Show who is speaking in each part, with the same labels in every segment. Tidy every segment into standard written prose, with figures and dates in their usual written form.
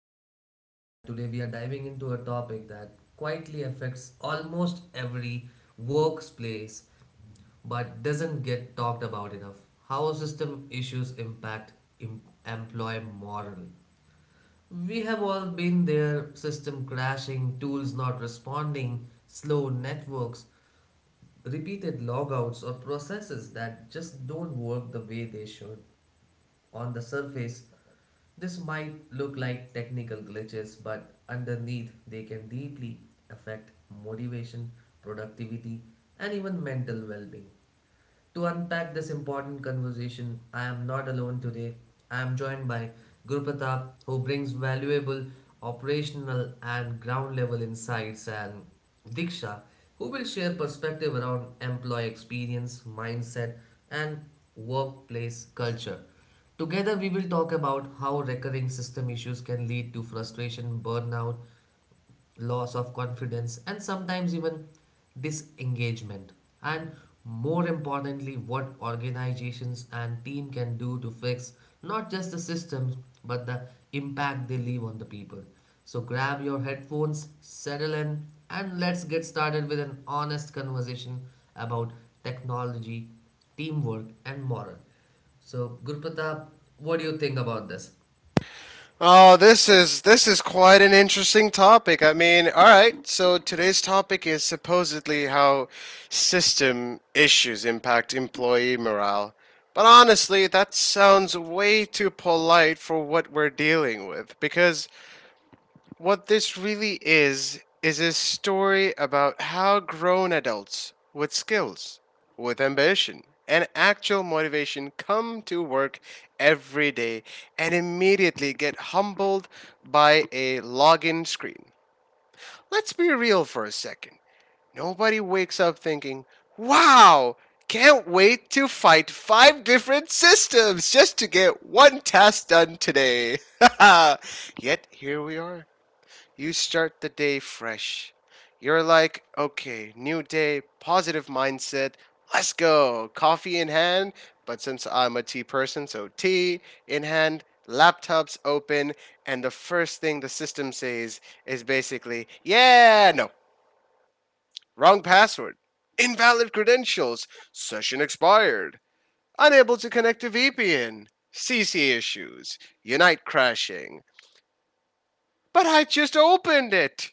Speaker 1: host Rohit, and today we are diving into a topic that quietly affects almost every workplace but doesn't get talked about enough, how system issues impact em- employee morale. We have all been there, system crashing, tools not responding, slow networks, repeated logouts, or processes that just don't work the way they should. On the surface, this might look like technical glitches, but underneath, they can deeply affect motivation, productivity, and even mental well being. To unpack this important conversation, I am not alone today. I am joined by Gurpatap, who brings valuable operational and ground level insights, and Diksha, who will share perspective around employee experience, mindset, and workplace culture. Together, we will talk about how recurring system issues can lead to frustration, burnout, loss of confidence, and sometimes even disengagement. And more importantly, what organizations and team can do to fix not just the systems but the impact they leave on the people. So grab your headphones, settle in, and let's get started with an honest conversation about technology, teamwork, and morale. So, Guru, what do you think about this?
Speaker 2: Oh, this is quite an interesting topic. I mean, all right. So today's topic is supposedly how system issues impact employee morale. But honestly, that sounds way too polite for what we're dealing with, because what this really is a story about how grown adults with skills, with ambition, and actual motivation come to work every day and immediately get humbled by a login screen. Let's be real for a second. Nobody wakes up thinking, wow, can't wait to fight five different systems just to get one task done today. Yet here we are. You start the day fresh. You're like, okay, new day, positive mindset, let's go. Coffee in hand, but since I'm a tea person, so tea in hand, laptops open, and the first thing the system says is basically, yeah, no, wrong password, invalid credentials, session expired, unable to connect to VPN, CC issues, Unite crashing. But I just opened it!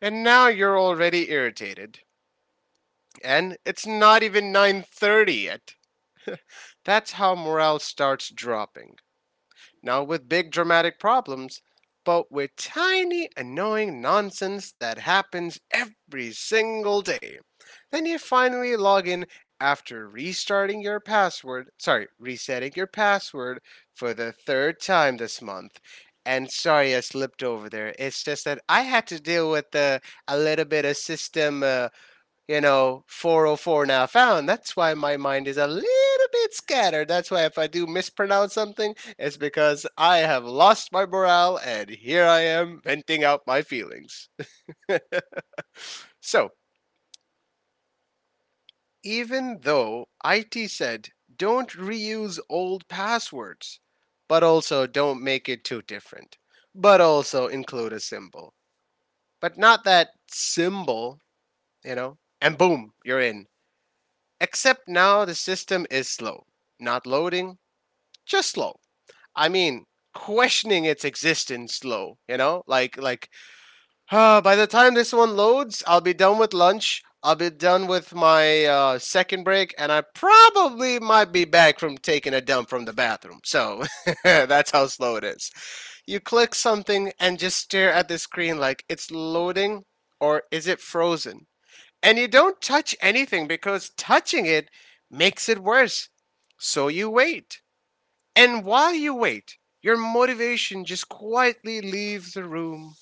Speaker 2: And now you're already irritated. And it's not even 9:30 yet. That's how morale starts dropping. Not with big dramatic problems, but with tiny annoying nonsense that happens every single day. Then you finally log in after restarting your password, sorry, resetting your password for the third time this month. And sorry, I slipped over there. It's just that I had to deal with a little bit of system 404 now found. That's why my mind is a little bit scattered. That's why if I do mispronounce something, it's because I have lost my morale and here I am venting out my feelings. So, even though IT said don't reuse old passwords, but also don't make it too different, but also include a symbol, but not that symbol, you know, and boom, you're in. Except now the system is slow. Not loading, just slow. I mean, questioning its existence slow, you know? Like, ah, by the time this one loads, I'll be done with lunch. I'll be done with my second break, and I probably might be back from taking a dump from the bathroom. So that's how slow it is. You click something and just stare at the screen like, it's loading or is it frozen? And you don't touch anything because touching it makes it worse. So you wait. And while you wait, your motivation just quietly leaves the room.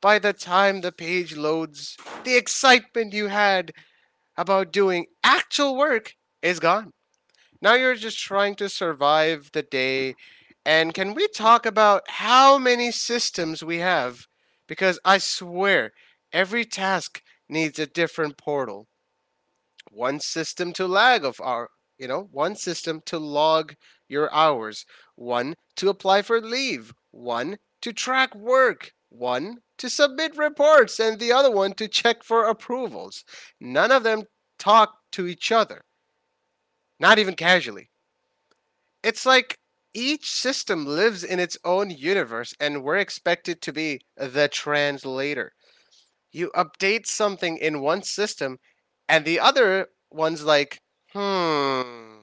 Speaker 2: By the time the page loads, the excitement you had about doing actual work is gone. Now you're just trying to survive the day. And can we talk about how many systems we have? Because I swear, every task needs a different portal. One system to lag of our, one system to log your hours, one to apply for leave, one to track work, one to submit reports, and the other one to check for approvals. None of them talk to each other, not even casually. It's like each system lives in its own universe and we're expected to be the translator. You update something in one system and the other one's like, hmm,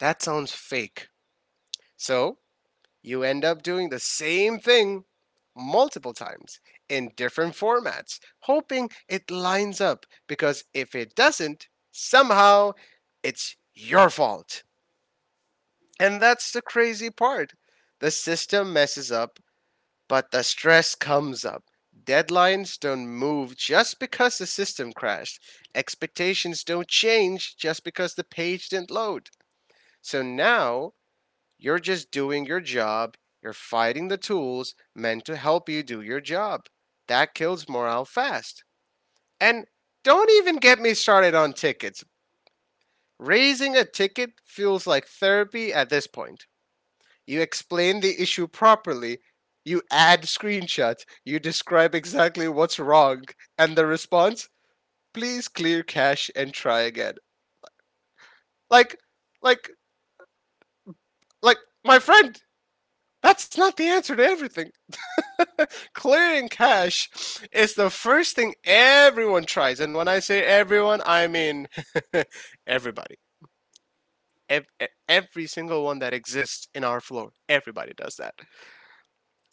Speaker 2: that sounds fake. So you end up doing the same thing multiple times in different formats, hoping it lines up, because if it doesn't, somehow it's your fault. And that's the crazy part. The system messes up, but the stress comes up. Deadlines don't move just because the system crashed. Expectations don't change just because the page didn't load. So now you're just doing your job. You're fighting the tools meant to help you do your job. That kills morale fast. And don't even get me started on tickets. Raising a ticket feels like therapy at this point. You explain the issue properly. You add screenshots. You describe exactly what's wrong. And the response, please clear cache and try again. Like, like, like, my friend, that's not the answer to everything. Clearing cache is the first thing everyone tries. And when I say everyone, I mean everybody. Every single one that exists in our floor. Everybody does that.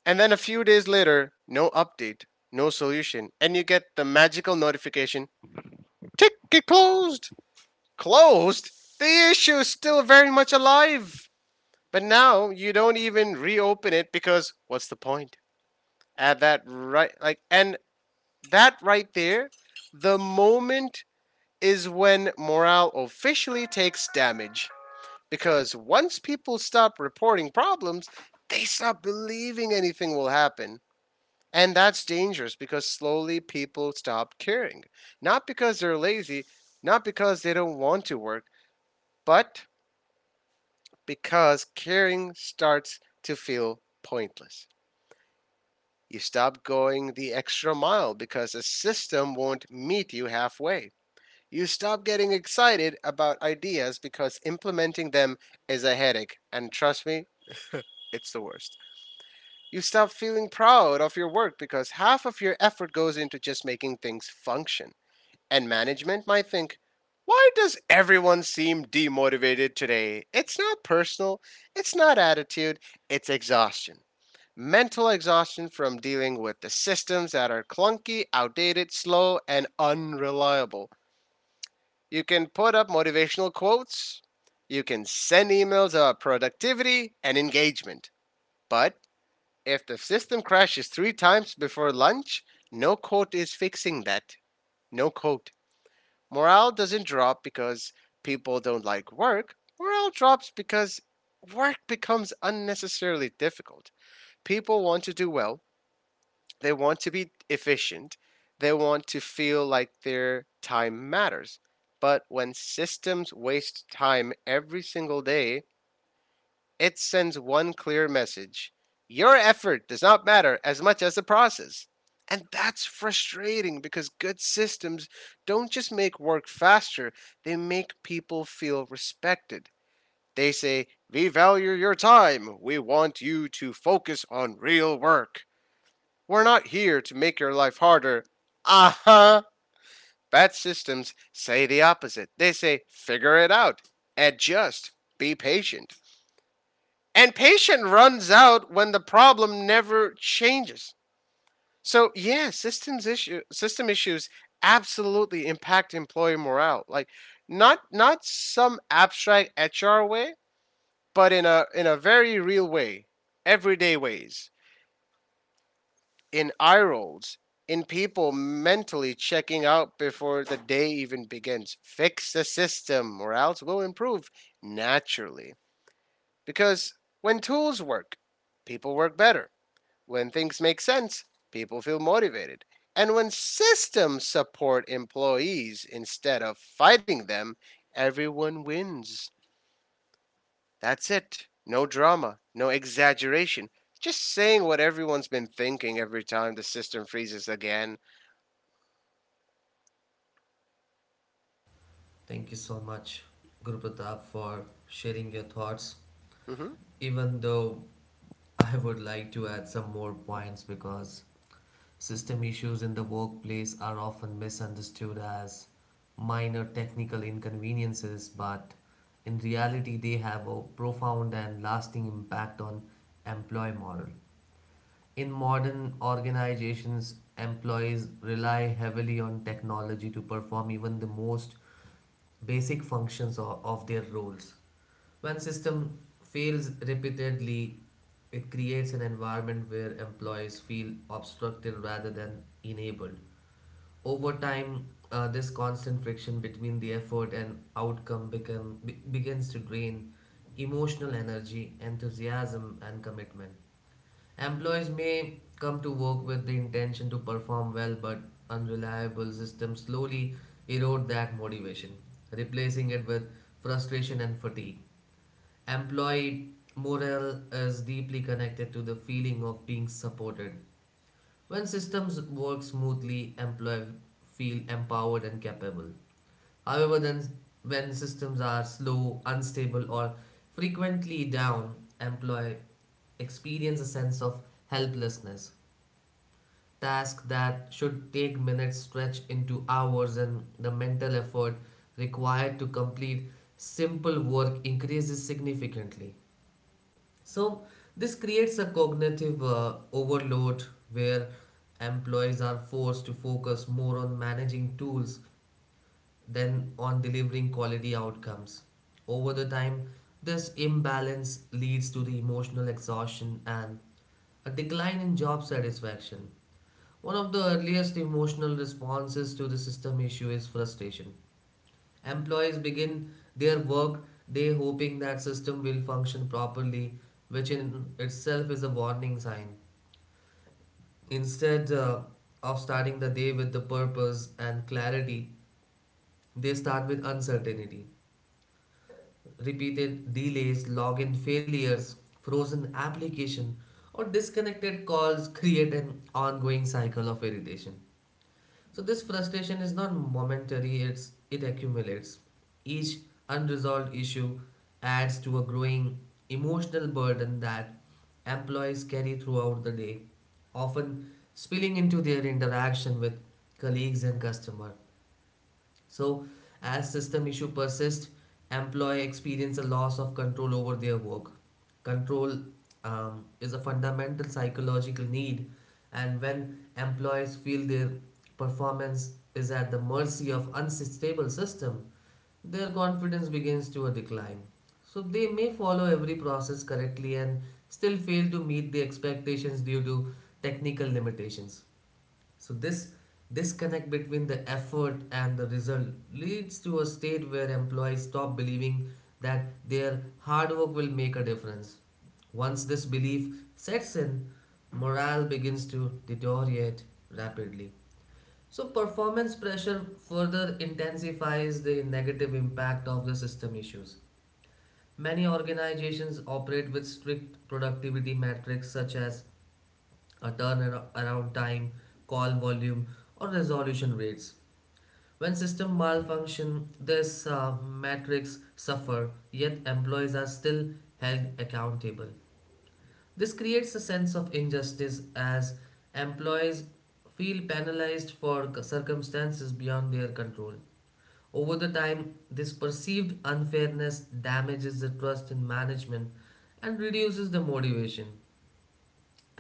Speaker 2: And then a few days later, no update, no solution, and you get the magical notification, ticket closed. Closed? The issue is still very much alive. But now you don't even reopen it because what's the point? At that right, like, and that right there, the moment is when morale officially takes damage. Because once people stop reporting problems, they stop believing anything will happen. And that's dangerous because slowly people stop caring. Not because they're lazy, not because they don't want to work, but because caring starts to feel pointless. You stop going the extra mile because the system won't meet you halfway. You stop getting excited about ideas because implementing them is a headache, and trust me, it's the worst. You stop feeling proud of your work because half of your effort goes into just making things function. And management might think, why does everyone seem demotivated today? It's not personal, it's not attitude, it's exhaustion. Mental exhaustion from dealing with the systems that are clunky, outdated, slow, and unreliable. You can put up motivational quotes, you can send emails about productivity and engagement. But if the system crashes three times before lunch, no quote is fixing that. No quote. Morale doesn't drop because people don't like work. Morale drops because work becomes unnecessarily difficult. People want to do well, they want to be efficient, they want to feel like their time matters. But when systems waste time every single day, it sends one clear message: your effort does not matter as much as the process. And that's frustrating, because good systems don't just make work faster, they make people feel respected. They say, "We value your time. We want you to focus on real work. We're not here to make your life harder." Uh huh. Bad systems say the opposite. They say, "Figure it out, adjust, be patient." And patience runs out when the problem never changes. So yeah, system issues absolutely impact employee morale. Like, not some abstract HR way, but in a very real way, everyday ways, in eye rolls, in people mentally checking out before the day even begins. Fix the system or else we'll improve naturally. Because when tools work, people work better. When things make sense, people feel motivated. And when systems support employees instead of fighting them, everyone wins. That's it. No drama, no exaggeration. Just saying what everyone's been thinking every time the system freezes again.
Speaker 1: Thank you so much, Guru, for sharing your thoughts,
Speaker 2: Mm hmm.
Speaker 1: even though I would like to add some more points because system issues in the workplace are often misunderstood as minor technical inconveniences, but in reality, they have a profound and lasting impact on employee morale. In modern organizations, employees rely heavily on technology to perform even the most basic functions of their roles. When system fails repeatedly, it creates an environment where employees feel obstructed rather than enabled. Over time, this constant friction between the effort and outcome begins to drain emotional energy, enthusiasm, and commitment. Employees may come to work with the intention to perform well, but unreliable systems slowly erode that motivation, replacing it with frustration and fatigue. Employee morale is deeply connected to the feeling of being supported. When systems work smoothly, employees feel empowered and capable. However, then when systems are slow, unstable, or frequently down, employee experience a sense of helplessness. Tasks that should take minutes stretch into hours, and the mental effort required to complete simple work increases significantly. So, this creates a cognitive overload where employees are forced to focus more on managing tools than on delivering quality outcomes. Over the time, this imbalance leads to the emotional exhaustion and a decline in job satisfaction. One of the earliest emotional responses to the system issue is frustration. Employees begin their work day hoping that system will function properly, which in itself is a warning sign. Instead of starting the day with the purpose and clarity, they start with uncertainty. Repeated delays, login failures, frozen application, or disconnected calls create an ongoing cycle of irritation. So this frustration is not momentary, it accumulates. Each unresolved issue adds to a growing emotional burden that employees carry throughout the day, often spilling into their interaction with colleagues and customers. So, as system issue persist, employee experience a loss of control over their work. Control is a fundamental psychological need, and when employees feel their performance is at the mercy of unstable system, their confidence begins to a decline. So they may follow every process correctly and still fail to meet the expectations due to technical limitations. So this disconnect between the effort and the result leads to a state where employees stop believing that their hard work will make a difference. Once this belief sets in, morale begins to deteriorate rapidly. So performance pressure further intensifies the negative impact of the system issues. Many organizations operate with strict productivity metrics such as a turnaround time, call volume, or resolution rates. When system malfunction, this metrics suffer, yet employees are still held accountable. This creates a sense of injustice as employees feel penalized for circumstances beyond their control. Over the time, this perceived unfairness damages the trust in management and reduces the motivation.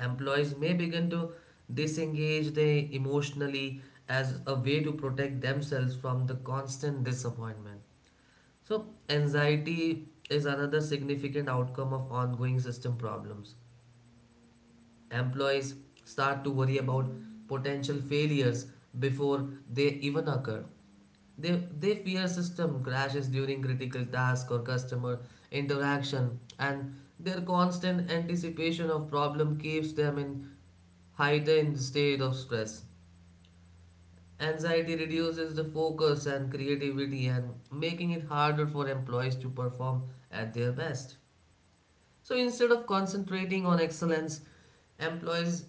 Speaker 1: Employees may begin to disengage they emotionally as a way to protect themselves from the constant disappointment. So, anxiety is another significant outcome of ongoing system problems. Employees start to worry about potential failures before they even occur. They, they fear system crashes during critical task or customer interaction, and their constant anticipation of problem keeps them in heightened state of stress. Anxiety reduces the focus and creativity and making it harder for employees to perform at their best. So instead of concentrating on excellence, employees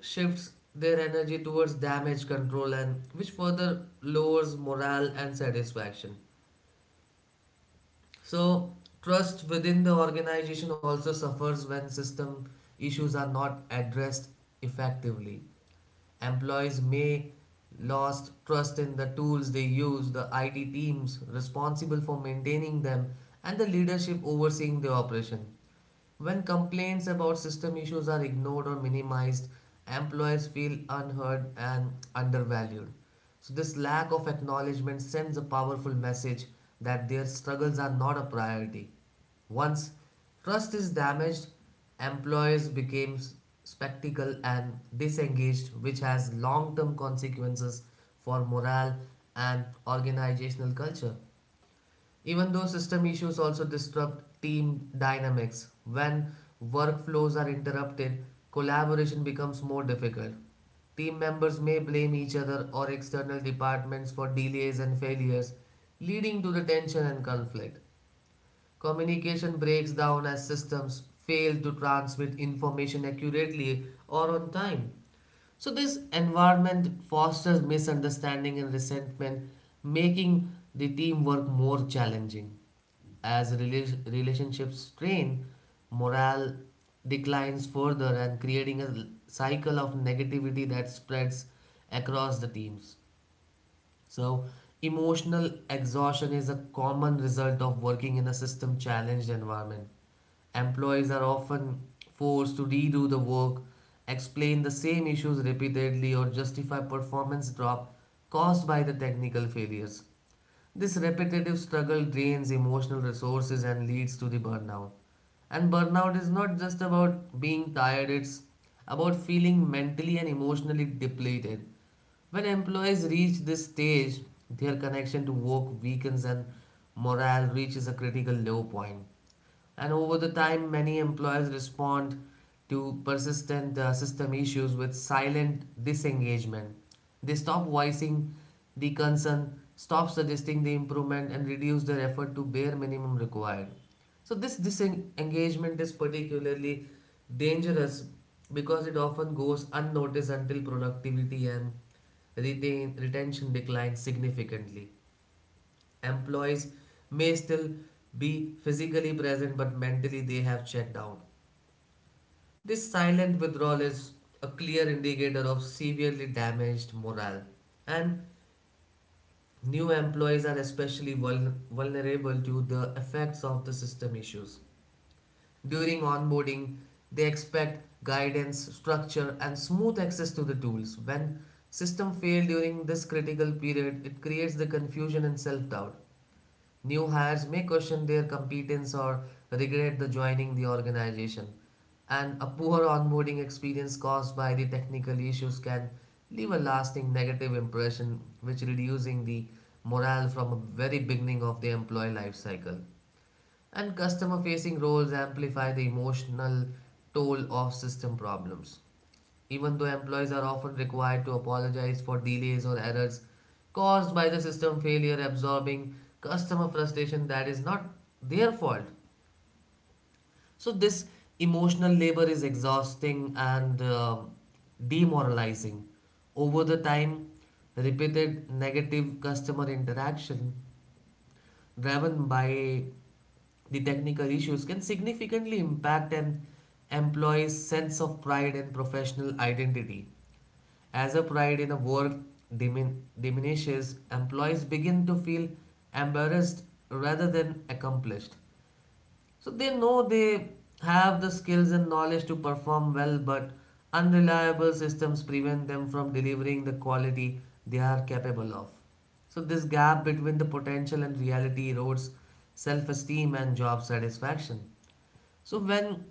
Speaker 1: shifts their energy towards damage control and which further lowers morale and satisfaction. So, trust within the organization also suffers when system issues are not addressed effectively. Employees may lost trust in the tools they use, the IT teams responsible for maintaining them, and the leadership overseeing the operation. When complaints about system issues are ignored or minimized, employees feel unheard and undervalued. So, this lack of acknowledgement sends a powerful message that their struggles are not a priority. Once trust is damaged, employees become skeptical and disengaged, which has long term consequences for morale and organizational culture. Even though system issues also disrupt team dynamics, when workflows are interrupted, collaboration becomes more difficult. Team members may blame each other or external departments for delays and failures, leading to the tension and conflict. Communication breaks down as systems fail to transmit information accurately or on time. So, this environment fosters misunderstanding and resentment, making the teamwork more challenging. As relationships strain, morale declines further and creating a cycle of negativity that spreads across the teams. So, emotional exhaustion is a common result of working in a system challenged environment. Employees are often forced to redo the work, explain the same issues repeatedly, or justify performance drop caused by the technical failures. This repetitive struggle drains emotional resources and leads to the burnout. And burnout is not just about being tired, it's about feeling mentally and emotionally depleted. When employees reach this stage, their connection to work weakens and morale reaches a critical low point. And over the time, many employers respond to persistent system issues with silent disengagement. They stop voicing the concern, stop suggesting the improvement, and reduce their effort to bare minimum required. So this disengagement is particularly dangerous because it often goes unnoticed until productivity and retention declines significantly. Employees may still be physically present, but mentally they have checked out. This silent withdrawal is a clear indicator of severely damaged morale, and new employees are especially vulnerable to the effects of the system issues. During onboarding, they expect guidance, structure, and smooth access to the tools. When system fail during this critical period, it creates the confusion and self-doubt. New hires may question their competence or regret the joining the organization, and a poor onboarding experience caused by the technical issues can leave a lasting negative impression which reducing the morale from a very beginning of the employee life cycle. And customer facing roles amplify the emotional toll of system problems even though employees are often required to apologize for delays or errors caused by the system failure, absorbing customer frustration that is not their fault. So, this emotional labor is exhausting and demoralizing. Over the time, repeated negative customer interaction driven by the technical issues can significantly impact an employee's sense of pride and professional identity. As a pride in the work diminishes, employees begin to feel embarrassed rather than accomplished. So they know they have the skills and knowledge to perform well, but unreliable systems prevent them from delivering the quality they are capable of. So this gap between the potential and reality erodes self-esteem and job satisfaction. So when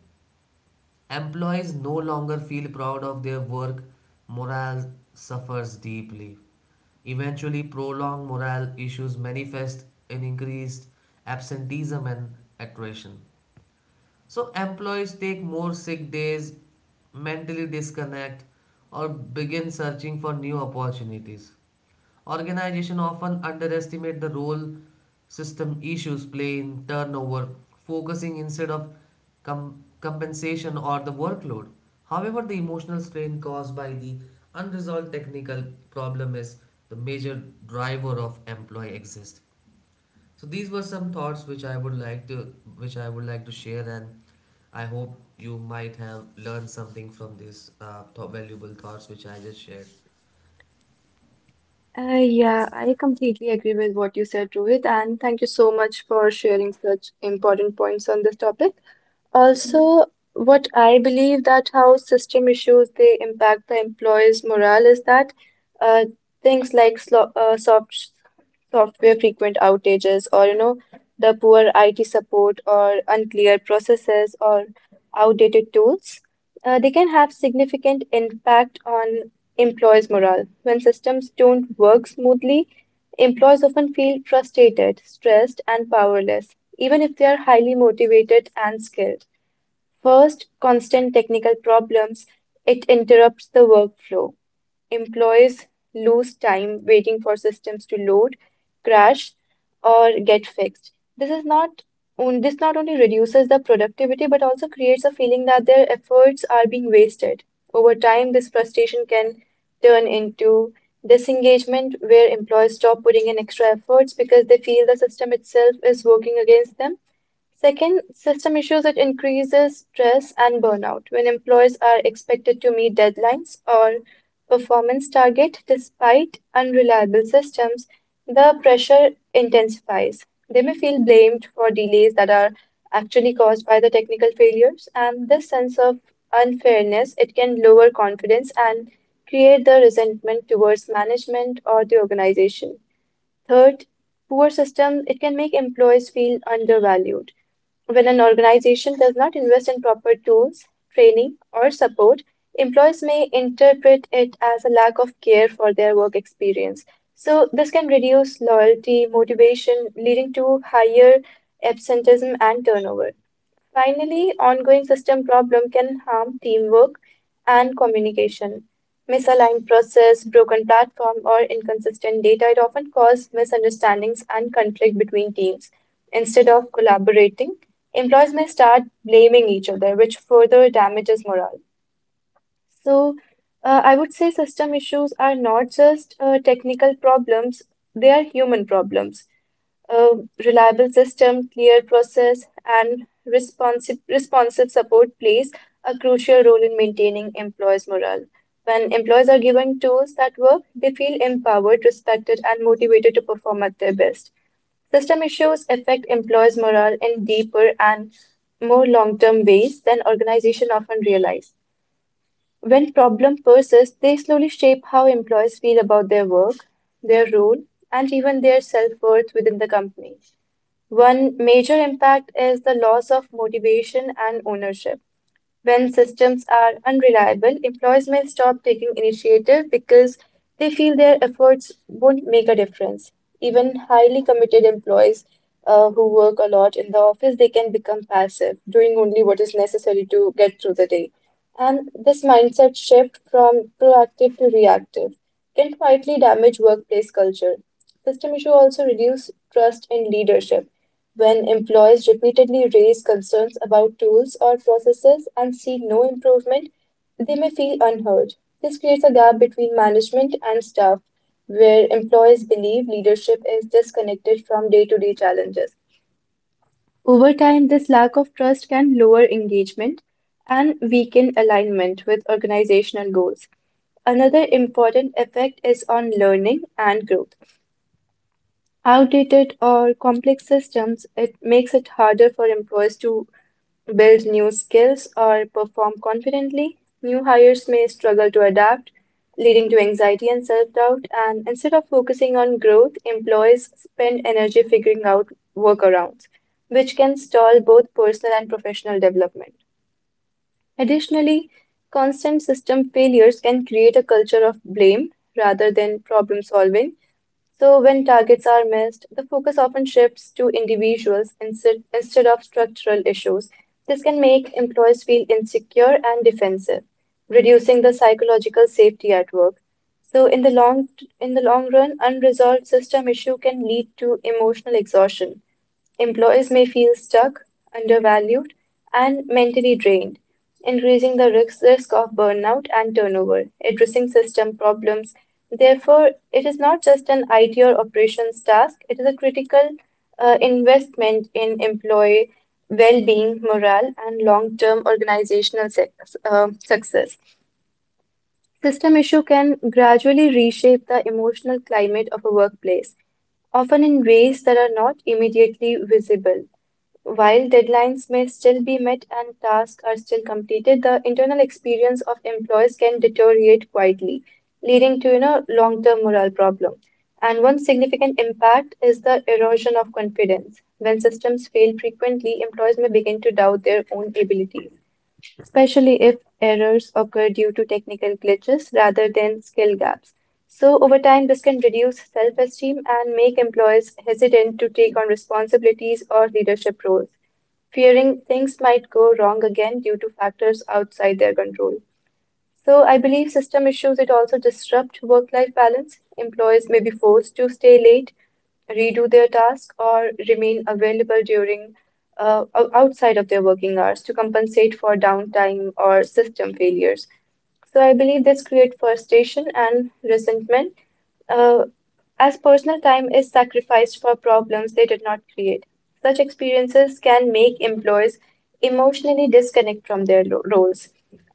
Speaker 1: employees no longer feel proud of their work, morale suffers deeply. Eventually, prolonged morale issues manifest in increased absenteeism and attrition. So employees take more sick days, mentally disconnect, or begin searching for new opportunities. Organizations often underestimate the role system issues play in turnover, focusing instead of compensation or the workload. However, the emotional strain caused by the unresolved technical problem is the major driver of employee exist. So these were some thoughts which I would like to share, and I hope you might have learned something from these valuable thoughts which I just shared.
Speaker 3: Yeah, I completely agree with what you said, Rohit, and thank you so much for sharing such important points on this topic. Also, what I believe that how system issues they impact the employees' morale is that uh, things like slo soft software frequent outages or you know the poor IT support or unclear processes or outdated tools, they can have significant impact on employees' morale. When systems don't work smoothly, employees often feel frustrated, stressed, and powerless, even if they are highly motivated and skilled. First, constant technical problems. It interrupts the workflow. Employees lose time waiting for systems to load, crash, or get fixed. This not only reduces the productivity but also creates a feeling that their efforts are being wasted. Over time, this frustration can turn into disengagement where employees stop putting in extra efforts because they feel the system itself is working against them. Second, system issues that increases stress and burnout when employees are expected to meet deadlines or performance target despite unreliable systems, the pressure intensifies. They may feel blamed for delays that are actually caused by the technical failures, and this sense of unfairness it can lower confidence and create the resentment towards management or the organization. Third, poor systems it can make employees feel undervalued when an organization does not invest in proper tools, training, or support, employees may interpret it as a lack of care for their work experience. So, this can reduce loyalty, motivation, leading to higher absenteeism and turnover. Finally, ongoing system problem can harm teamwork and communication. Misaligned process, broken platform, or inconsistent data it often cause misunderstandings and conflict between teams. Instead of collaborating, employees may start blaming each other, which further damages morale. So, I would say system issues are not just technical problems, they are human problems. A reliable system, clear process, and responsive support plays a crucial role in maintaining employees' morale. When employees are given tools that work, they feel empowered, respected, and motivated to perform at their best. System issues affect employees' morale in deeper and more long term ways than organizations often realize. When problems persist, they slowly shape how employees feel about their work, their role, and even their self worth within the company. One major impact is the loss of motivation and ownership. When systems are unreliable, employees may stop taking initiative because they feel their efforts won't make a difference. Even highly committed employees who work a lot in the office, they can become passive, doing only what is necessary to get through the day. And this mindset shift from proactive to reactive can quietly damage workplace culture. System issue also reduce trust in leadership when employees repeatedly raise concerns about tools or processes and see no improvement, they may feel unheard. This creates a gap between management and staff, where employees believe leadership is disconnected from day to day challenges. Over time, this lack of trust can lower engagement and weaken alignment with organizational goals. Another important effect is on learning and growth. Outdated or complex systems, it makes it harder for employees to build new skills or perform confidently. New hires may struggle to adapt, leading to anxiety and self doubt. And instead of focusing on growth, employees spend energy figuring out workarounds, which can stall both personal and professional development. Additionally, constant system failures can create a culture of blame rather than problem solving. So, when targets are missed, the focus often shifts to individuals instead of structural issues. This can make employees feel insecure and defensive, reducing the psychological safety at work. So, in the long run, unresolved system issue can lead to emotional exhaustion. Employees may feel stuck, undervalued, and mentally drained, increasing the risk of burnout and turnover. Addressing system problems, therefore, it is not just an IT or operations task, it is a critical investment in employee well being, morale, and long term organizational success. System issue can gradually reshape the emotional climate of a workplace often in ways that are not immediately visible. While deadlines may still be met and tasks are still completed, the internal experience of employees can deteriorate quietly, leading to you know long-term morale problem. And one significant impact is the erosion of confidence. When systems fail frequently, employees may begin to doubt their own abilities, especially if errors occur due to technical glitches rather than skill gaps. So, over time, this can reduce self-esteem and make employees hesitant to take on responsibilities or leadership roles fearing things might go wrong again due to factors outside their control. So, I believe system issues it also disrupt work-life balance. Employees may be forced to stay late, redo their task, or remain available during outside of their working hours to compensate for downtime or system failures. So, I believe this creates frustration and resentment. Uh, as personal time is sacrificed for problems they did not create. Such experiences can make employees emotionally disconnect from their roles.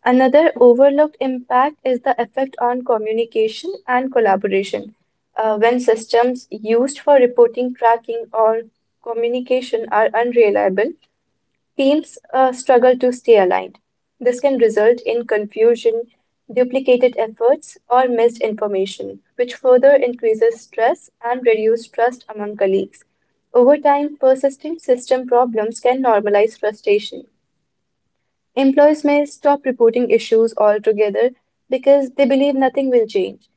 Speaker 3: Another overlooked impact is the effect on communication and collaboration. When systems used for reporting, tracking, or communication are unreliable, teams struggle to stay aligned. This can result in confusion, duplicated efforts, or missed information, which further increases stress and reduces trust among colleagues. Over time, persistent system problems can normalize frustration. Employees may stop reporting issues altogether because they believe nothing will change.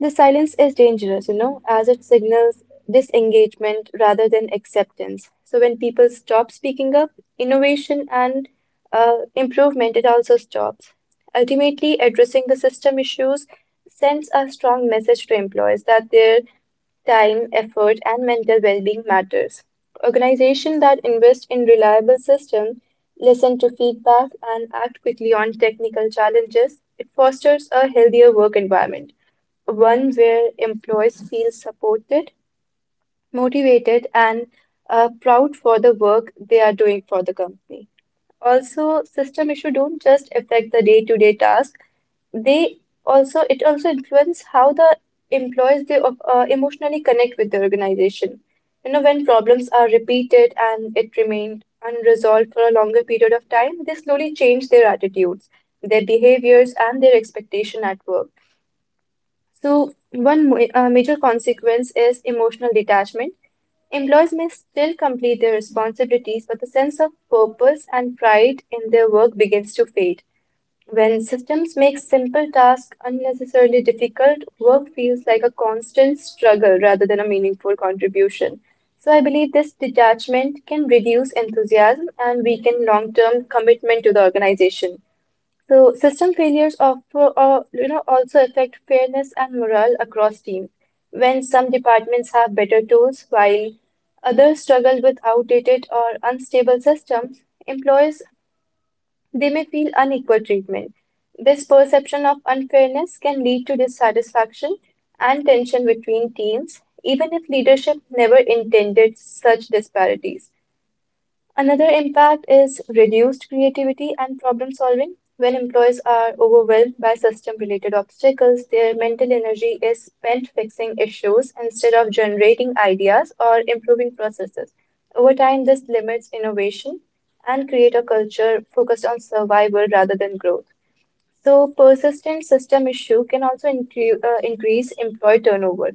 Speaker 3: The silence is dangerous, you know, as it signals disengagement rather than acceptance. So when people stop speaking up, innovation and improvement it also stops. Ultimately, addressing the system issues sends a strong message to employees that their time, effort, and mental well-being matters. Organizations that invest in reliable systems, listen to feedback, and act quickly on technical challenges, it fosters a healthier work environment, one where employees feel supported, motivated, and proud for the work they are doing for the company. Also, system issue don't just affect the day-to-day task, they also influence how the employees emotionally connect with the organization. You know, when problems are repeated and it remained unresolved for a longer period of time, they slowly change their attitudes, their behaviors, and their expectation at work. So, major consequence is emotional detachment. Employees may still complete their responsibilities, but the sense of purpose and pride in their work begins to fade. When systems make simple tasks unnecessarily difficult, work feels like a constant struggle rather than a meaningful contribution. So, I believe this detachment can reduce enthusiasm and weaken long term commitment to the organization. So system failures you know, also affect fairness and morale across teams. When some departments have better tools while others struggle with outdated or unstable systems, employees they may feel unequal treatment. This perception of unfairness can lead to dissatisfaction and tension between teams, even if leadership never intended such disparities. Another impact is reduced creativity and problem solving. When employees are overwhelmed by system related obstacles, their mental energy is spent fixing issues instead of generating ideas or improving processes. Over time, this limits innovation and create a culture focused on survival rather than growth. So, persistent system issue can also increase employee turnover.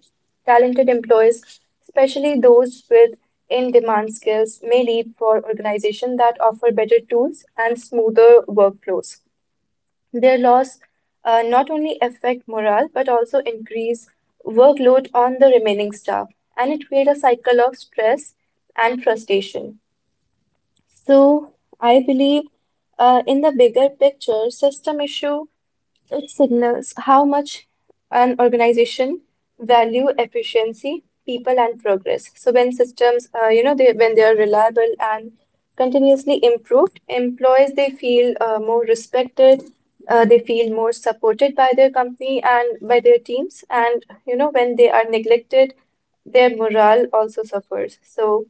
Speaker 3: Talented employees, especially those with in-demand skills, may leave for organizations that offer better tools and smoother workflows. Their loss not only affect morale but also increase workload on the remaining staff, and it creates a cycle of stress and frustration. So, I believe in the bigger picture, system issue it signals how much an organization value efficiency, people, and progress. So when systems, you know, they when they are reliable and continuously improved, employees they feel more respected, they feel more supported by their company and by their teams, and you know when they are neglected, their morale also suffers. So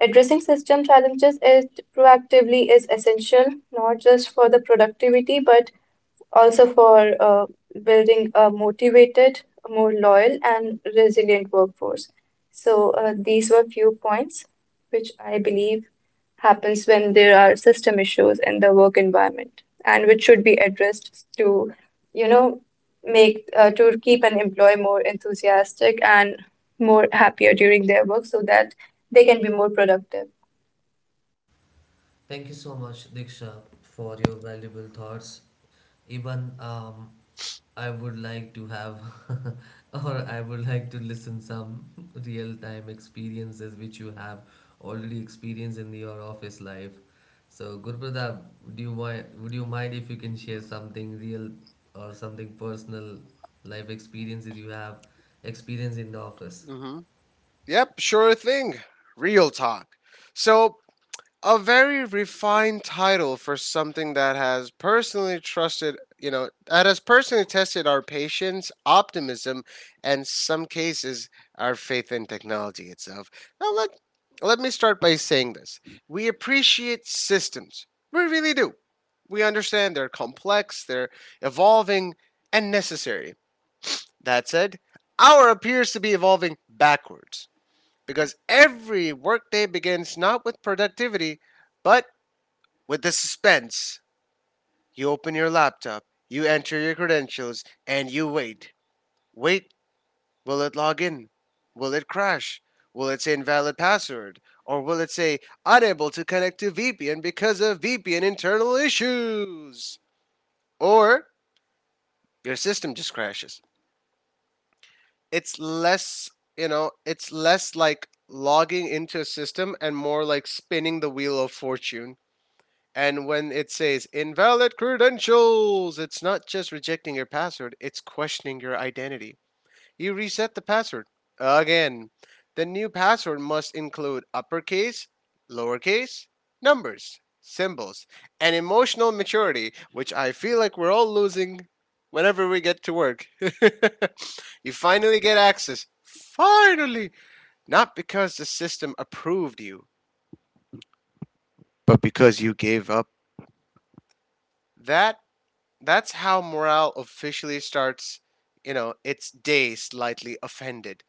Speaker 3: addressing system challenges is proactively is essential not just for the productivity but also for building a motivated, more loyal, and resilient workforce. So these were few points which I believe happens when there are system issues in the work environment and which should be addressed to, you know, make to keep an employee more enthusiastic and more happier during their work so that they can be more productive.
Speaker 1: Thank you so much, Diksha, for your valuable thoughts. Even I would like to have, or I would like to listen some real time experiences which you have already experienced in your office life. So, Gurpradap, would you mind? Would you mind if you can share something real or something personal life experiences you have experienced in the office?
Speaker 2: Mm hmm. Yep, sure thing. Real talk. So, a very refined title for something that has personally trusted, you know, that has personally tested our patience, optimism, and some cases our faith in technology itself. Now let me start by saying this. We appreciate systems. We really do. We understand they're complex, they're evolving and necessary. That said, our appears to be evolving backwards, because every workday begins not with productivity but with the suspense. You open your laptop, you enter your credentials, and you wait. Wait, will it log in? Will it crash? Will it say invalid password? Or will it say unable to connect to VPN because of VPN internal issues? Or your system just crashes. It's less, you know, it's less like logging into a system and more like spinning the wheel of fortune. And when it says invalid credentials, it's not just rejecting your password, it's questioning your identity. You reset the password. Again, the new password must include uppercase, lowercase, numbers, symbols, and emotional maturity, which I feel like we're all losing whenever we get to work. You finally get access. Finally! Not because the system approved you, but because you gave up. That That's how morale officially starts, you know, its day slightly offended.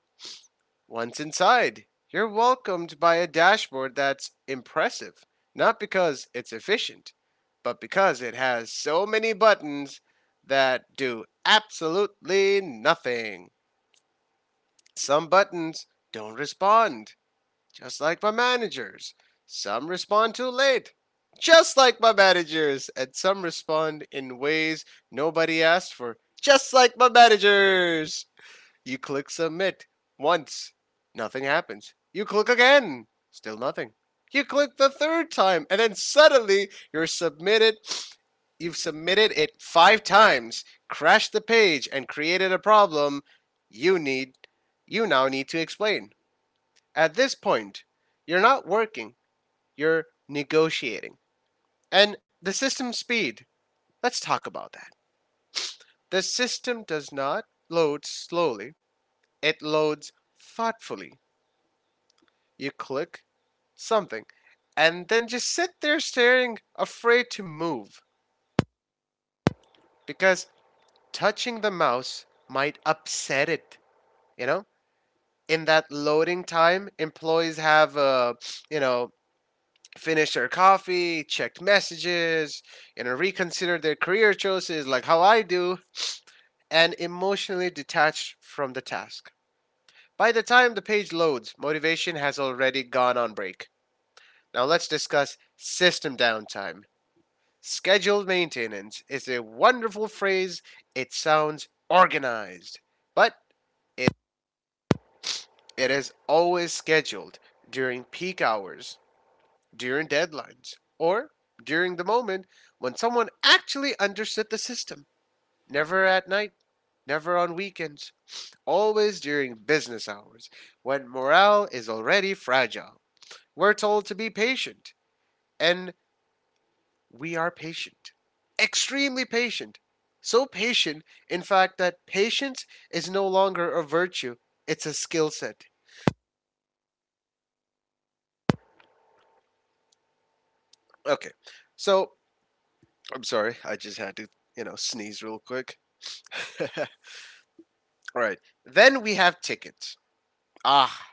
Speaker 2: Once inside, you're welcomed by a dashboard that's impressive, not because it's efficient, but because it has so many buttons that do absolutely nothing. Some buttons don't respond, just like my managers. Some respond too late, just like my managers. And some respond in ways nobody asked for, just like my managers. You click submit once, nothing happens. You click again, still nothing. You click the third time, and then suddenly you're submitted. You've submitted it five times, crashed the page, and created a problem you need you now need to explain. At this point, you're not working, you're negotiating. And the system speed, let's talk about that. The system does not load slowly, it loads thoughtfully. You click something and then just sit there staring, afraid to move because touching the mouse might upset it, you know? In that loading time, employees have, you know, finished their coffee, checked messages, you know, reconsidered their career choices like how I do, and emotionally detached from the task. By the time the page loads, motivation has already gone on break. Now let's discuss system downtime. Scheduled maintenance is a wonderful phrase. It sounds organized, but it, it is always scheduled during peak hours, during deadlines, or during the moment when someone actually understood the system. Never at night, never on weekends, always during business hours, when morale is already fragile. We're told to be patient, and we are patient. Extremely patient. So patient, in fact, that patience is no longer a virtue, it's a skill set. Okay, so I'm sorry, I just had to, sneeze real quick. All right. Then we have tickets. Ah,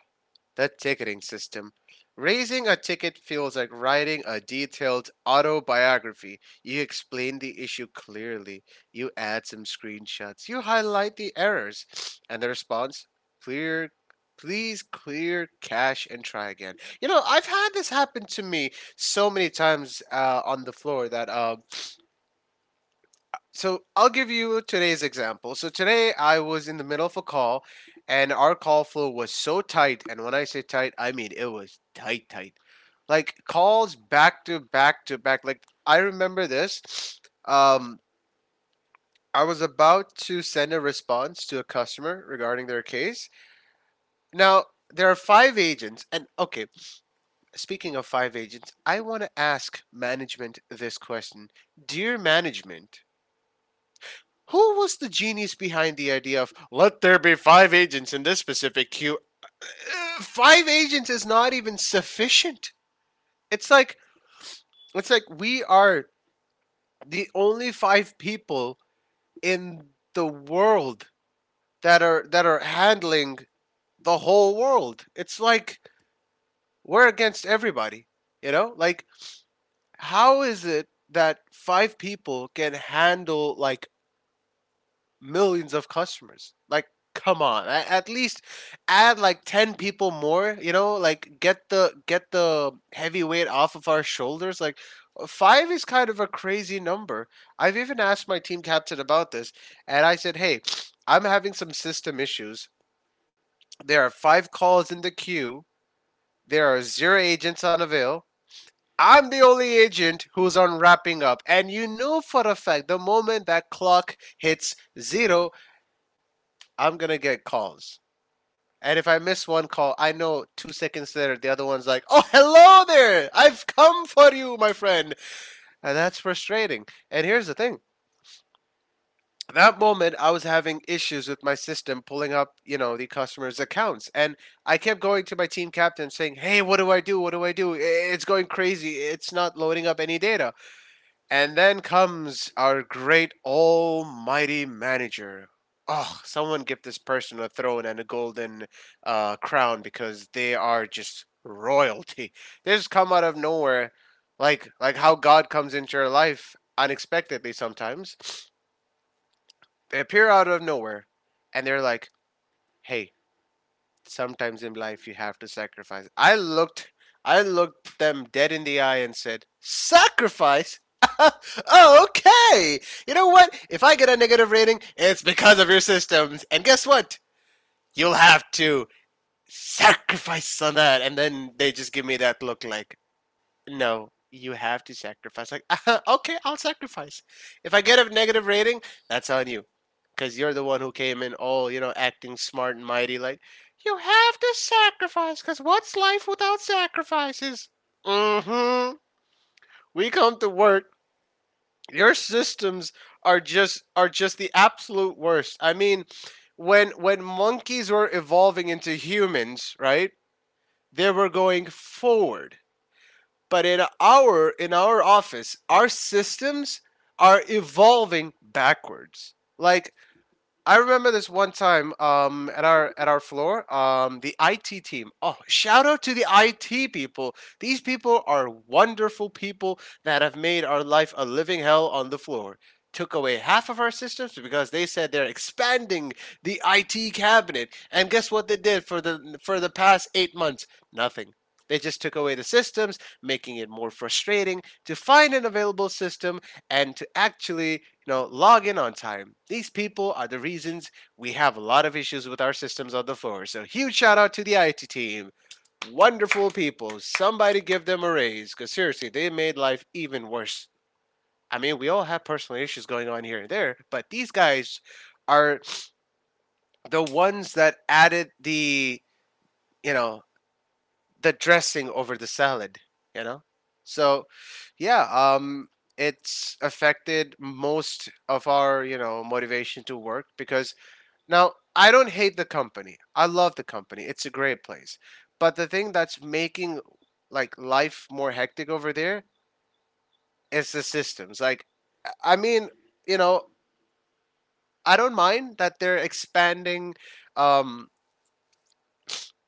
Speaker 2: the ticketing system. Raising a ticket feels like writing a detailed autobiography. You explain the issue clearly. You add some screenshots. You highlight the errors. And the response, clear, please clear cache and try again. You know, I've had this happen to me so many times on the floor that. So I'll give you today's example. So today I was in the middle of a call, and our call flow was so tight. And when I say tight, I mean it was tight, tight. Like calls back to back to back. Like I remember this. Um, I was about to send a response to a customer regarding their case. Now, there are five agents. And okay, speaking of five agents, I want to ask management this question. Dear management, who was the genius behind the idea of let there be five agents in this specific queue? Five agents is not even sufficient. It's like it's like we are the only five people in the world that are handling the whole world. It's like we're against everybody. You know? Like how is it that five people can handle like millions of customers. Like, come on, at least add like 10 people more. You know, like get the heavy weight off of our shoulders. Like, five is kind of a crazy number. I've even asked my team captain about this, and I said, "Hey, I'm having some system issues. There are five calls in the queue. There are zero agents on avail." I'm the only agent who's on wrapping up, and you know for a fact the moment that clock hits zero, I'm gonna get calls. And if I miss one call, I know 2 seconds later the other one's like, "Oh, hello there! I've come for you, my friend." And that's frustrating. And here's the thing: that moment, I was having issues with my system pulling up, you know, the customers' accounts, and I kept going to my team captain saying, "Hey, what do I do? What do I do? It's going crazy. It's not loading up any data." And then comes our great almighty manager. Oh, someone give this person a throne and a golden crown because they are just royalty. They just come out of nowhere, like how God comes into your life unexpectedly sometimes. They appear out of nowhere, and they're like, "Hey, sometimes in life you have to sacrifice. I looked them dead in the eye and said, "Sacrifice? Okay. You know what? If I get a negative rating, it's because of your systems. And guess what? You'll have to sacrifice on that." And then they just give me that look like, no, you have to sacrifice. Like, okay, I'll sacrifice. If I get a negative rating, that's on you. Because you're the one who came in all, you know, acting smart and mighty. Like, you have to sacrifice. Because what's life without sacrifices? Mm hmm. We come to work. Your systems are just the absolute worst. I mean, when monkeys were evolving into humans, right? They were going forward. But in our office, our systems are evolving backwards. Like I remember this one time at our floor, the IT team. Oh, shout out to the IT people. These people are wonderful people that have made our life a living hell on the floor. Took away half of our systems because they said they're expanding the IT cabinet. And guess what they did for the past 8 months? Nothing. They just took away the systems, making it more frustrating to find an available system and to actually, you know, log in on time. These people are the reasons we have a lot of issues with our systems on the floor. So huge shout out to the IT team. Wonderful people. Somebody give them a raise because seriously, they made life even worse. I mean, we all have personal issues going on here and there, but these guys are the ones that added the, you know, the dressing over the salad, you know? So, yeah, it's affected most of our, you know, motivation to work because now I don't hate the company. I love the company. It's a great place. But the thing that's making like life more hectic over there is the systems. Like, I mean, you know, I don't mind that they're expanding um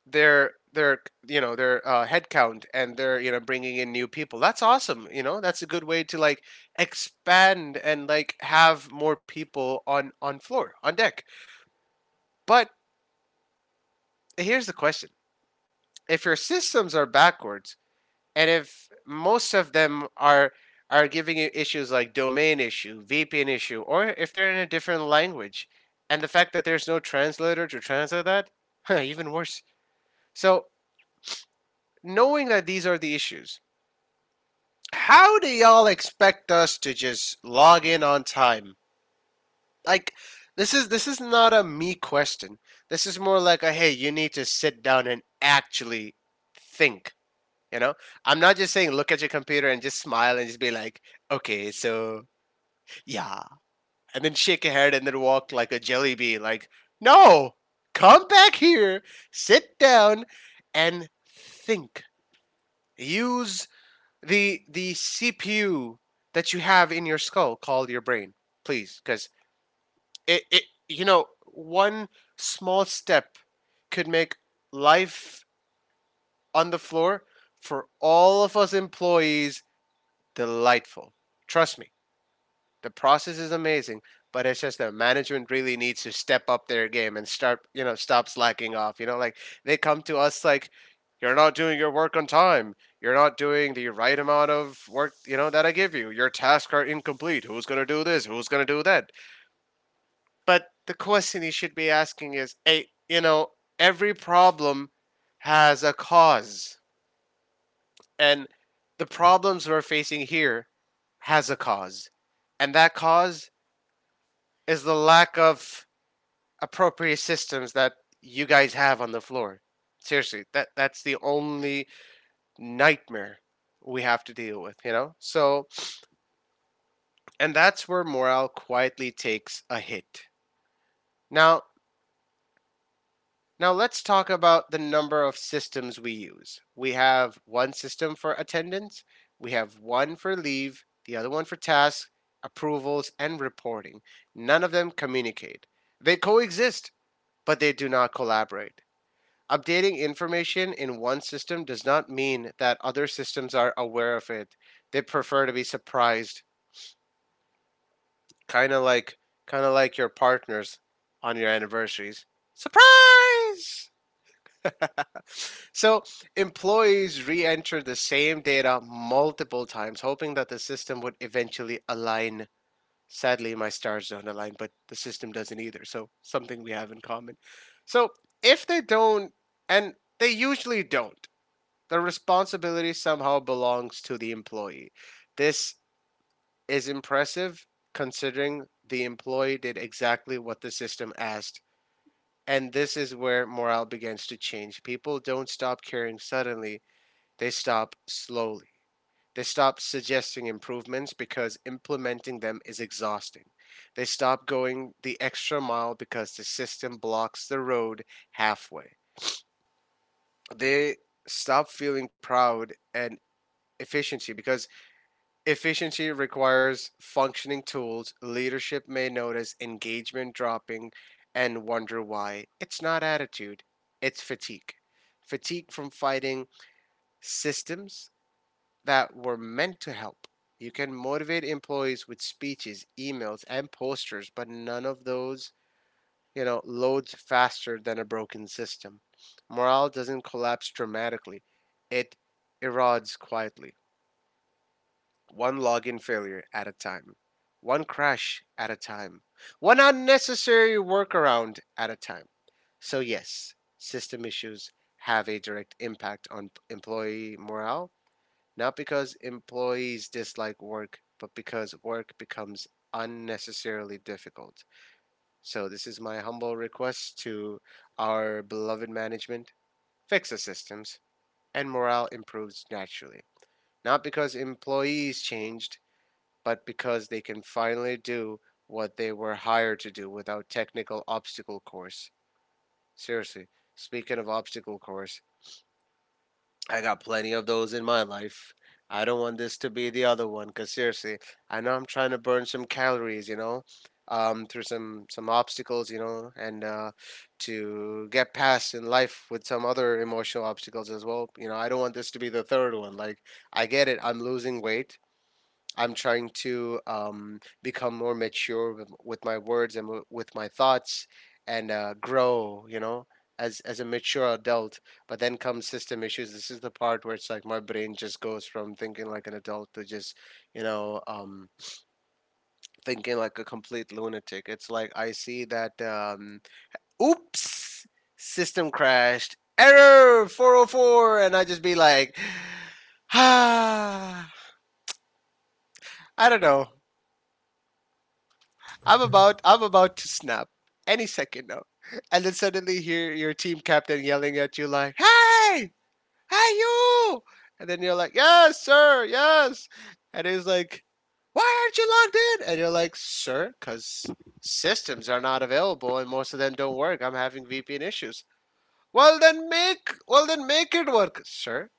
Speaker 2: their, you know, their headcount, and they're, you know, bringing in new people. That's awesome. You know, that's a good way to like expand and like have more people on floor, on deck. But here's the question, if your systems are backwards and if most of them are giving you issues like domain issue, VPN issue, or if they're in a different language, and the fact that there's no translator to translate that, even worse. So knowing that these are the issues, how do y'all expect us to just log in on time? Like this is not a me question. This is more like a, hey, you need to sit down and actually think. You know, I'm not just saying look at your computer and just smile and just be like, okay, so yeah, and then shake your head and then walk like a jelly bean. Like, no, come back here, sit down, and think. Use the CPU that you have in your skull called your brain, please, because it you know, one small step could make life on the floor for all of us employees delightful. Trust me. The process is amazing, but it's just that management really needs to step up their game and start, you know, stop slacking off. You know, like they come to us like, you're not doing your work on time. You're not doing the right amount of work, you know, that I give you. Your tasks are incomplete. Who's going to do this? Who's going to do that? But the question you should be asking is, hey, you know, every problem has a cause. And the problems we're facing here has a cause. And that cause is the lack of appropriate systems that you guys have on the floor. Seriously, that's the only nightmare we have to deal with, you know? So, and that's where morale quietly takes a hit. Now, now let's talk about the number of systems we use. We have one system for attendance, we have one for leave, the other one for tasks, approvals, and reporting. None of them communicate. They coexist, but they do not collaborate. Updating information in one system does not mean that other systems are aware of it. They prefer to be surprised, kind of like kind of like your partners on your anniversaries. Surprise! So, employees re-enter the same data multiple times hoping that the system would eventually align. Sadly, my stars don't align, but the system doesn't either. So, something we have in common. So, if they don't, and they usually don't, the responsibility somehow belongs to the employee. This is impressive considering the employee did exactly what the system asked. And this is where morale begins to change. People don't stop caring suddenly, they stop slowly. They stop suggesting improvements because implementing them is exhausting. They stop going the extra mile because the system blocks the road halfway. They stop feeling proud and efficiency because efficiency requires functioning tools. Leadership may notice engagement dropping and wonder why. It's not attitude, it's fatigue. Fatigue from fighting systems that were meant to help. You can motivate employees with speeches, emails, and posters, but none of those, you know, loads faster than a broken system. Morale doesn't collapse dramatically, it erodes quietly. One login failure at a time, one crash at a time, one unnecessary workaround at a time. So, yes, system issues have a direct impact on employee morale, not because employees dislike work, but because work becomes unnecessarily difficult. So, this is my humble request to our beloved management, fix the systems, and morale improves naturally. Not because employees changed, but because they can finally do what they were hired to do without technical obstacle course. Seriously, speaking of obstacle course, I got plenty of those in my life. I don't want this to be the other one because seriously, I know I'm trying to burn some calories, through some obstacles, you know, and to get past in life with some other emotional obstacles as well. You know, I don't want this to be the third one. Like, I get it, I'm losing weight, I'm trying to become more mature with my words and with my thoughts and grow, you know, as a mature adult. But then comes system issues. This is the part where it's like my brain just goes from thinking like an adult to just, you know, um, thinking like a complete lunatic. It's like I see that, oops, system crashed, error 404. And I just be like, ah, I don't know. I'm about to snap any second now. And then suddenly hear your team captain yelling at you like, hey! Hey you! And then you're like, yes, sir, yes. And he's like, why aren't you logged in? And you're like, sir, because systems are not available and most of them don't work. I'm having VPN issues. Well then make it work. Sir,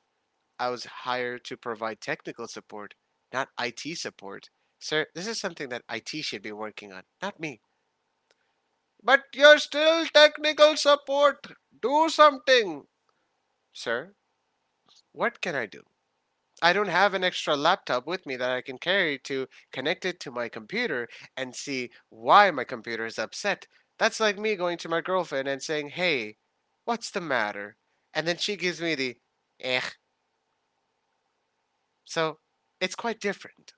Speaker 2: I was hired to provide technical support, not IT support. Sir, this is something that IT should be working on, not me. But you're still technical support. Do something. Sir, what can I do? I don't have an extra laptop with me that I can carry to connect it to my computer and see why my computer is upset. That's like me going to my girlfriend and saying, hey, what's the matter? And then she gives me the, eh. So it's quite different.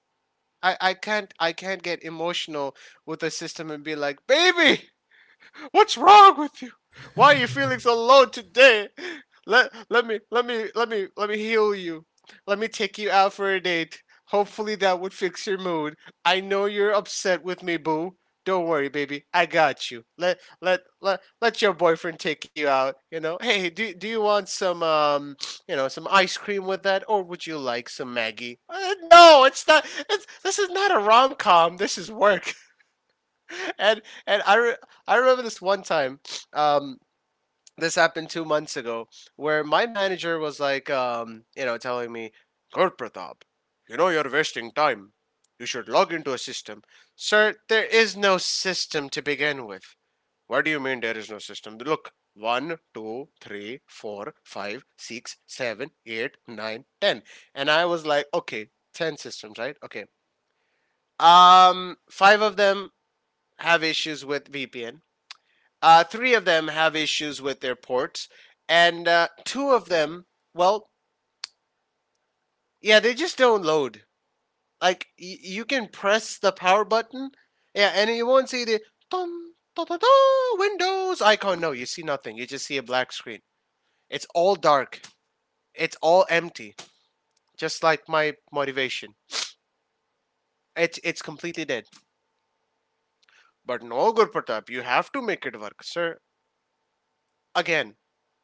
Speaker 2: I can't get emotional with the system and be like, baby, what's wrong with you? Why are you feeling so low today? Let me let me heal you. Let me take you out for a date. Hopefully that would fix your mood. I know you're upset with me, boo. Don't worry, baby. I got you. Let your boyfriend take you out. You know, hey, do you want some some ice cream with that, or would you like some Maggie? No, it's not. This is not a rom com. This is work. and and I, re- I remember this one time um this happened 2 months ago where my manager was like, you know, telling me, Kurt Pratap, you know you're wasting time, you should log into a system. Sir, there is no system to begin with. What do you mean there is no system? Look, one, two, three, four, five, six, seven, eight, nine, ten. And I was like, okay, 10 systems, right? Okay, five of them have issues with VPN, three of them have issues with their ports, and two of them, well, yeah, they just don't load. Like you can press the power button, yeah, and you won't see the dun, da, da, da, Windows icon. No, you see nothing. You just see a black screen. It's all dark. It's all empty. Just like my motivation. It's completely dead. But no, Gurpratap, you have to make it work, sir. Again,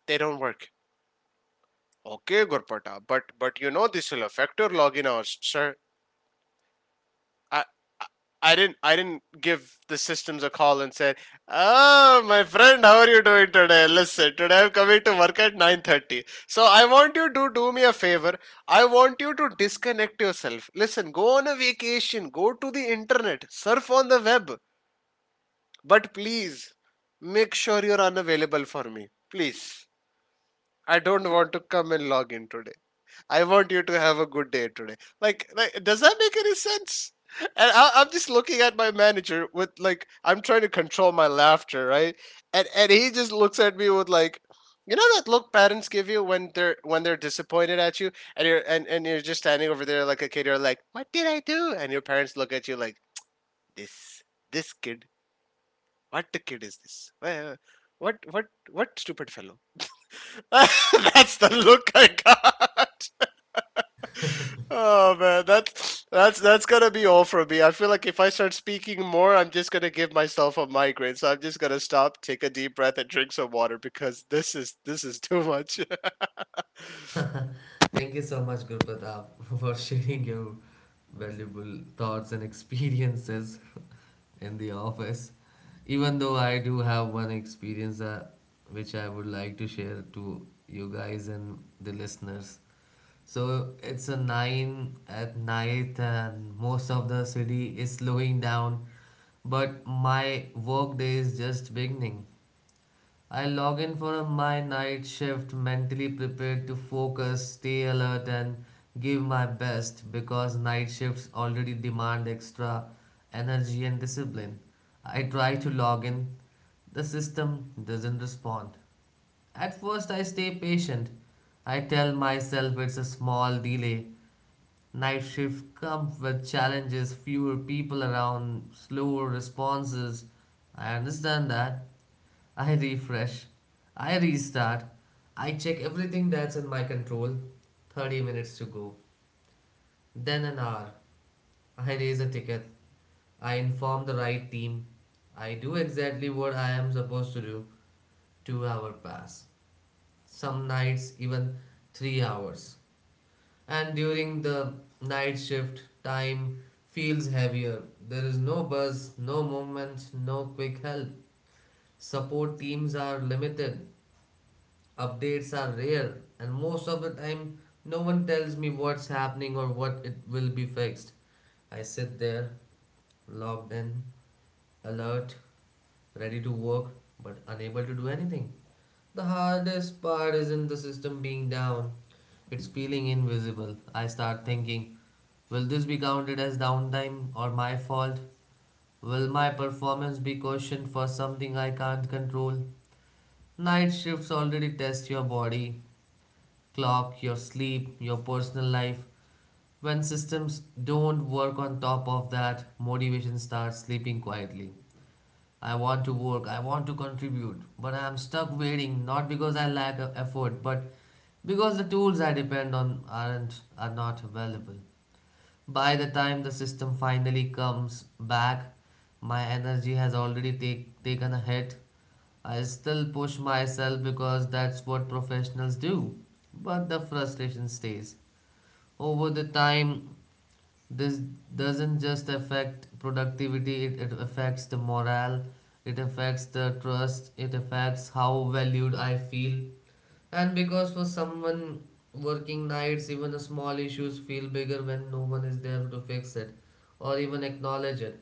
Speaker 2: they don't work. Okay, Gurpata, but you know this will affect your login hours, sir. I I didn't give the systems a call and said, "Ah, my friend, how are you doing today? Listen, today I'm coming to work at 9:30. So I want you to do me a favor. I want you to disconnect yourself. Listen, go on a vacation, go to the internet, surf on the web, but please make sure you're unavailable for me, please." I don't want to come and log in today. I want you to have a good day today. Like does that make any sense? And I'm just looking at my manager with like I'm trying to control my laughter, right? And he just looks at me with like, you know that look parents give you when they're disappointed at you, and you're just standing over there like a kid. You're like, what did I do? And your parents look at you like this this kid. What the kid is this? What what stupid fellow? That's the look I got. Oh man, that's gonna be all for me. I feel like if I start speaking more, I'm just gonna give myself a migraine. So I'm just gonna stop, take a deep breath, and drink some water because this is too much.
Speaker 1: Thank you so much, Gurpratap, for sharing your valuable thoughts and experiences in the office. Even though I do have one experience which I would like to share to you guys and the listeners. So it's a 9 at night, and most of the city is slowing down, but my work day is just beginning. I log in for my night shift mentally prepared to focus, stay alert, and give my best because night shifts already demand extra energy and discipline. I try to log in, the system doesn't respond. At first, I stay patient. I tell myself it's a small delay. Night shift comes with challenges, fewer people around, slower responses. I understand that. I refresh, I restart, I check everything that's in my control. 30 minutes to go, then an hour. I raise a ticket, I inform the right team, I do exactly what I am supposed to do. 2-hour pass, some nights even 3 hours. And during the night shift, time feels heavier. There is no buzz, no movement, no quick help. Support teams are limited. Updates are rare, and most of the time, no one tells me what's happening or what it will be fixed. I sit there, logged in, alert, ready to work, but unable to do anything. The hardest part isn't the system being down, it's feeling invisible. I start thinking, will this be counted as downtime or my fault? Will my performance be questioned for something I can't control? Night shifts already test your body, clock, your sleep, your personal life. When systems don't work on top of that, motivation starts sleeping quietly. I want to work, I want to contribute, but I am stuck waiting not because I lack of effort, but because the tools I depend on are not available. By the time the system finally comes back, my energy has already taken a hit. I still push myself because that's what professionals do. But the frustration stays over the time this doesn't just affect productivity it affects the morale, it affects the trust, it affects how valued I feel. And because for someone working nights, even the small issues feel bigger when no one is there to fix it or even acknowledge it.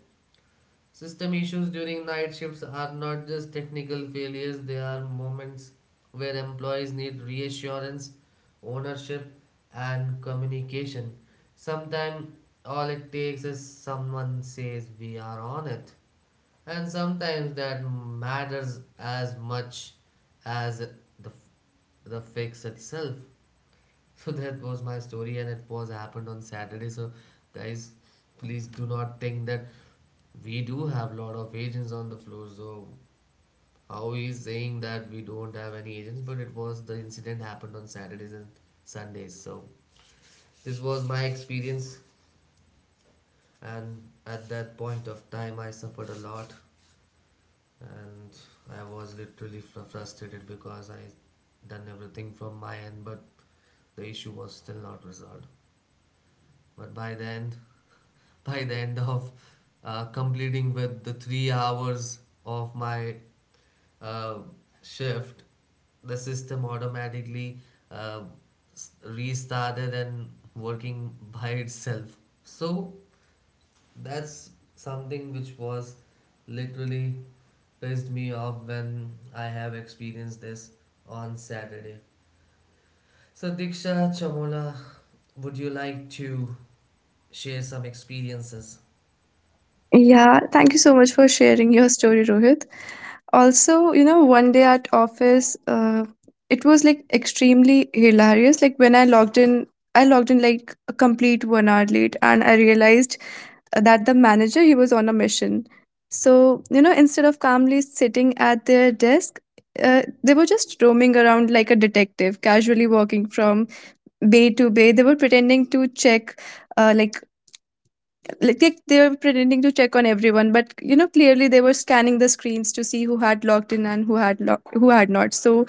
Speaker 1: System issues during night shifts are not just technical failures, they are moments where employees need reassurance, ownership, and communication. Sometimes all it takes is someone says we are on it, and sometimes that matters as much as the fix itself. So that was my story, and it was happened on Saturday. So, guys, please do not think that we do have a lot of agents on the floor, so how he's saying that we don't have any agents, but it was the incident happened on Saturdays and Sundays. So this was my experience, and at that point of time, I suffered a lot, and I was literally frustrated because I done everything from my end, but the issue was still not resolved. But by the end, by the end of completing with the 3 hours of my uh, shift, the system automatically uh, restarted and working by itself. So that's something which was literally pissed me off when I have experienced this on Saturday. So, Diksha Chamola, would you like to share some experiences?
Speaker 3: Yeah, thank you so much for sharing your story, Rohit. Also, you know, one day at office, it was like extremely hilarious. Like when I logged in like a complete 1 hour late, and I realized that the manager he was on a mission. So you know, instead of calmly sitting at their desk, they were just roaming around like a detective, casually walking from bay to bay. They were pretending to check uh, like on everyone, but clearly they were scanning the screens to see who had logged in and who had not. So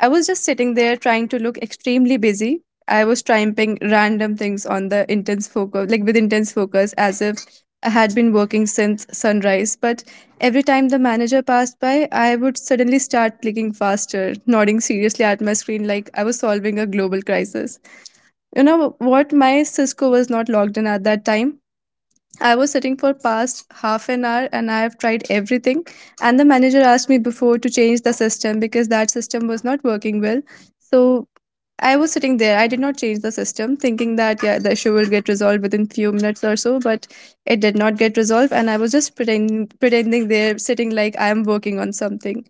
Speaker 3: I was just sitting there, trying to look extremely busy. I was typing random things on the intense focus like with intense focus, as if I had been working since sunrise. But every time the manager passed by, I would suddenly start clicking faster, nodding seriously at my screen, like I was solving a global crisis. You know what, my Cisco was not logged in at that time. I was sitting for past half an hour and I have tried everything, and the manager asked me before to change the system because that system was not working well. So I was sitting there. I did not change the system, thinking that, yeah, the issue will get resolved within few minutes or so. But it did not get resolved, and I was just pretending there sitting like I am working on something.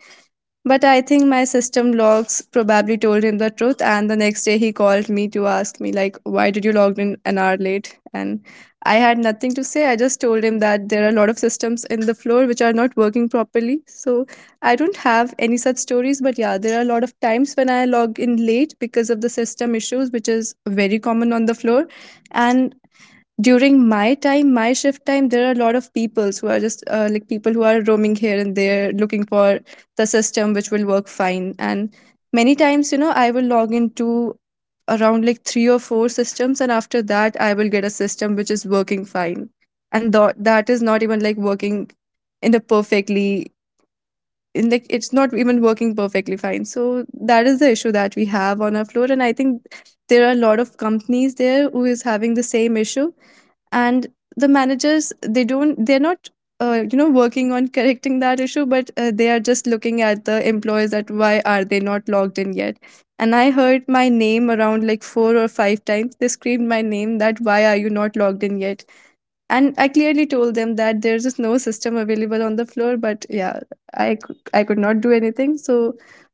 Speaker 3: But I think my system logs probably told him the truth. And the next day, he called me to ask me, like, why did you log in an hour late? And I had nothing to say. I just told him that there are a lot of systems in the floor which are not working properly. So I don't have any such stories. But yeah, there are a lot of times when I log in late because of the system issues, which is very common on the floor. And during my shift time, there are a lot of people who are just like people who are roaming here and there looking for the system which will work fine. And many times, I will log into around like three or four systems, and after that I will get a system which is working fine. And that is not even like working in the perfectly in like it's not even working perfectly fine. So that is the issue that we have on our floor. And I think there are a lot of companies there who is having the same issue. And the managers, they don't, they're not working on correcting that issue. But they are just looking at the employees that why are they not logged in yet. And I heard my name around like four or five times, they screamed my name that why are you not logged in yet. And I clearly told them that there's just no system available on the floor. But yeah, I could not do anything. So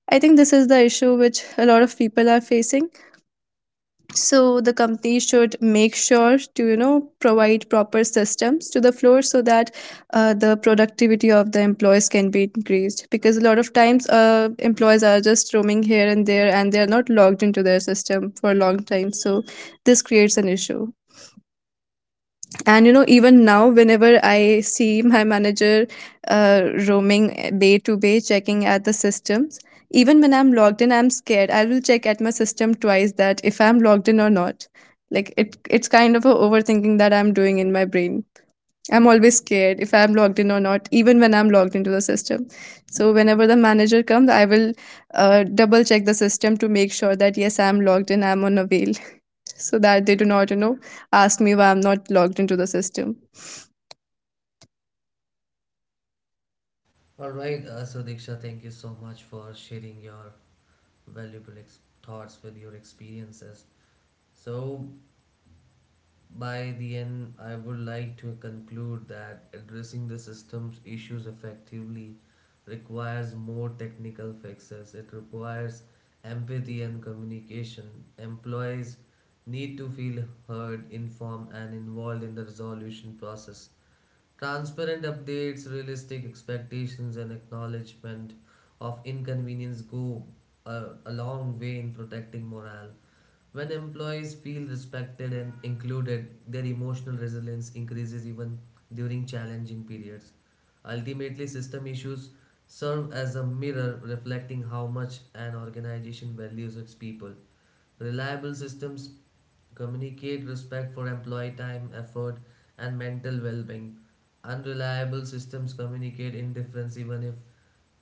Speaker 3: I think this is the issue which a lot of people are facing. So the company should make sure to provide proper systems to the floor so that the productivity of the employees can be increased, because a lot of times employees are just roaming here and there and they are not logged into their system for a long time. So this creates an issue. And even now, whenever I see my manager roaming bay to bay, checking at the systems, even when I'm logged in, I'm scared. I will check at my system twice that if I'm logged in or not. Like it's kind of a overthinking that I'm doing in my brain. I'm always scared if I'm logged in or not, even when I'm logged into the system. So whenever the manager comes, I will double check the system to make sure that yes, I'm logged in, I'm on avail, so that they do not, ask me why I'm not logged into the system.
Speaker 1: All right. So, Diksha, thank you so much for sharing your valuable ex- thoughts with your experiences. So, by the end, I would like to conclude that addressing the system's issues effectively requires more technical fixes. It requires empathy and communication. Employees need to feel heard, informed, and involved in the resolution process. Transparent updates, realistic expectations, and acknowledgement of inconvenience go a long way in protecting morale. When employees feel respected and included, their emotional resilience increases even during challenging periods. Ultimately, system issues serve as a mirror reflecting how much an organization values its people. Reliable systems communicate respect for employee time, effort, and mental well being. Unreliable systems communicate indifference even if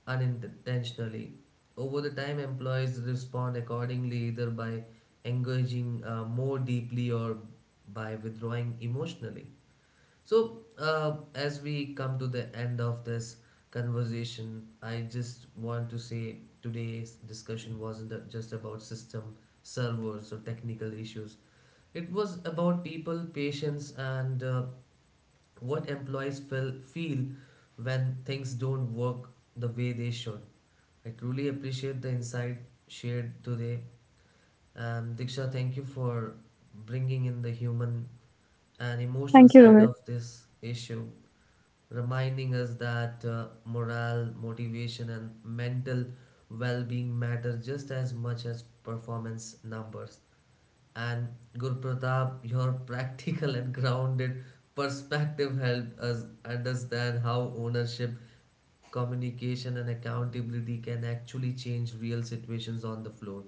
Speaker 1: unintentionally. Over the time, employees respond accordingly either by engaging more deeply or by withdrawing emotionally. So, as we come to the end of this conversation, I just want to say today's discussion wasn't just about system, servers, or technical issues. It was about people, patience, and what employees feel when things don't work the way they should. I truly appreciate the insight shared today. And Diksha, thank you for bringing in the human and emotional
Speaker 3: Thank you,
Speaker 1: side
Speaker 3: Rohit.
Speaker 1: of this issue reminding us that morale, motivation, and mental well being matter just as much as performance numbers. And Gurpratap, your practical and grounded perspective helped us understand how ownership, communication, and accountability can actually change real situations on the floor.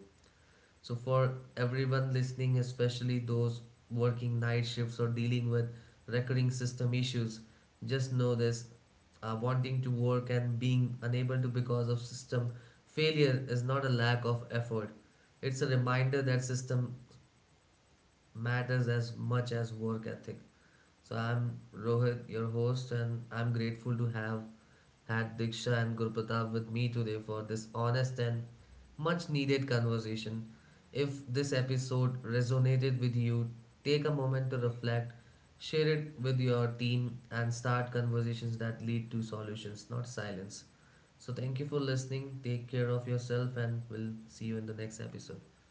Speaker 1: So, for everyone listening, especially those working night shifts or dealing with recurring system issues, just know this: wanting to work and being unable to because of system failure is not a lack of effort. It's a reminder that system matters as much as work ethic. So, I'm Rohit, your host, and I'm grateful to have had Diksha and Gurpratap with me today for this honest and much needed conversation. If this episode resonated with you, take a moment to reflect, share it with your team, and start conversations that lead to solutions, not silence. So, thank you for listening. Take care of yourself, and we'll see you in the next episode.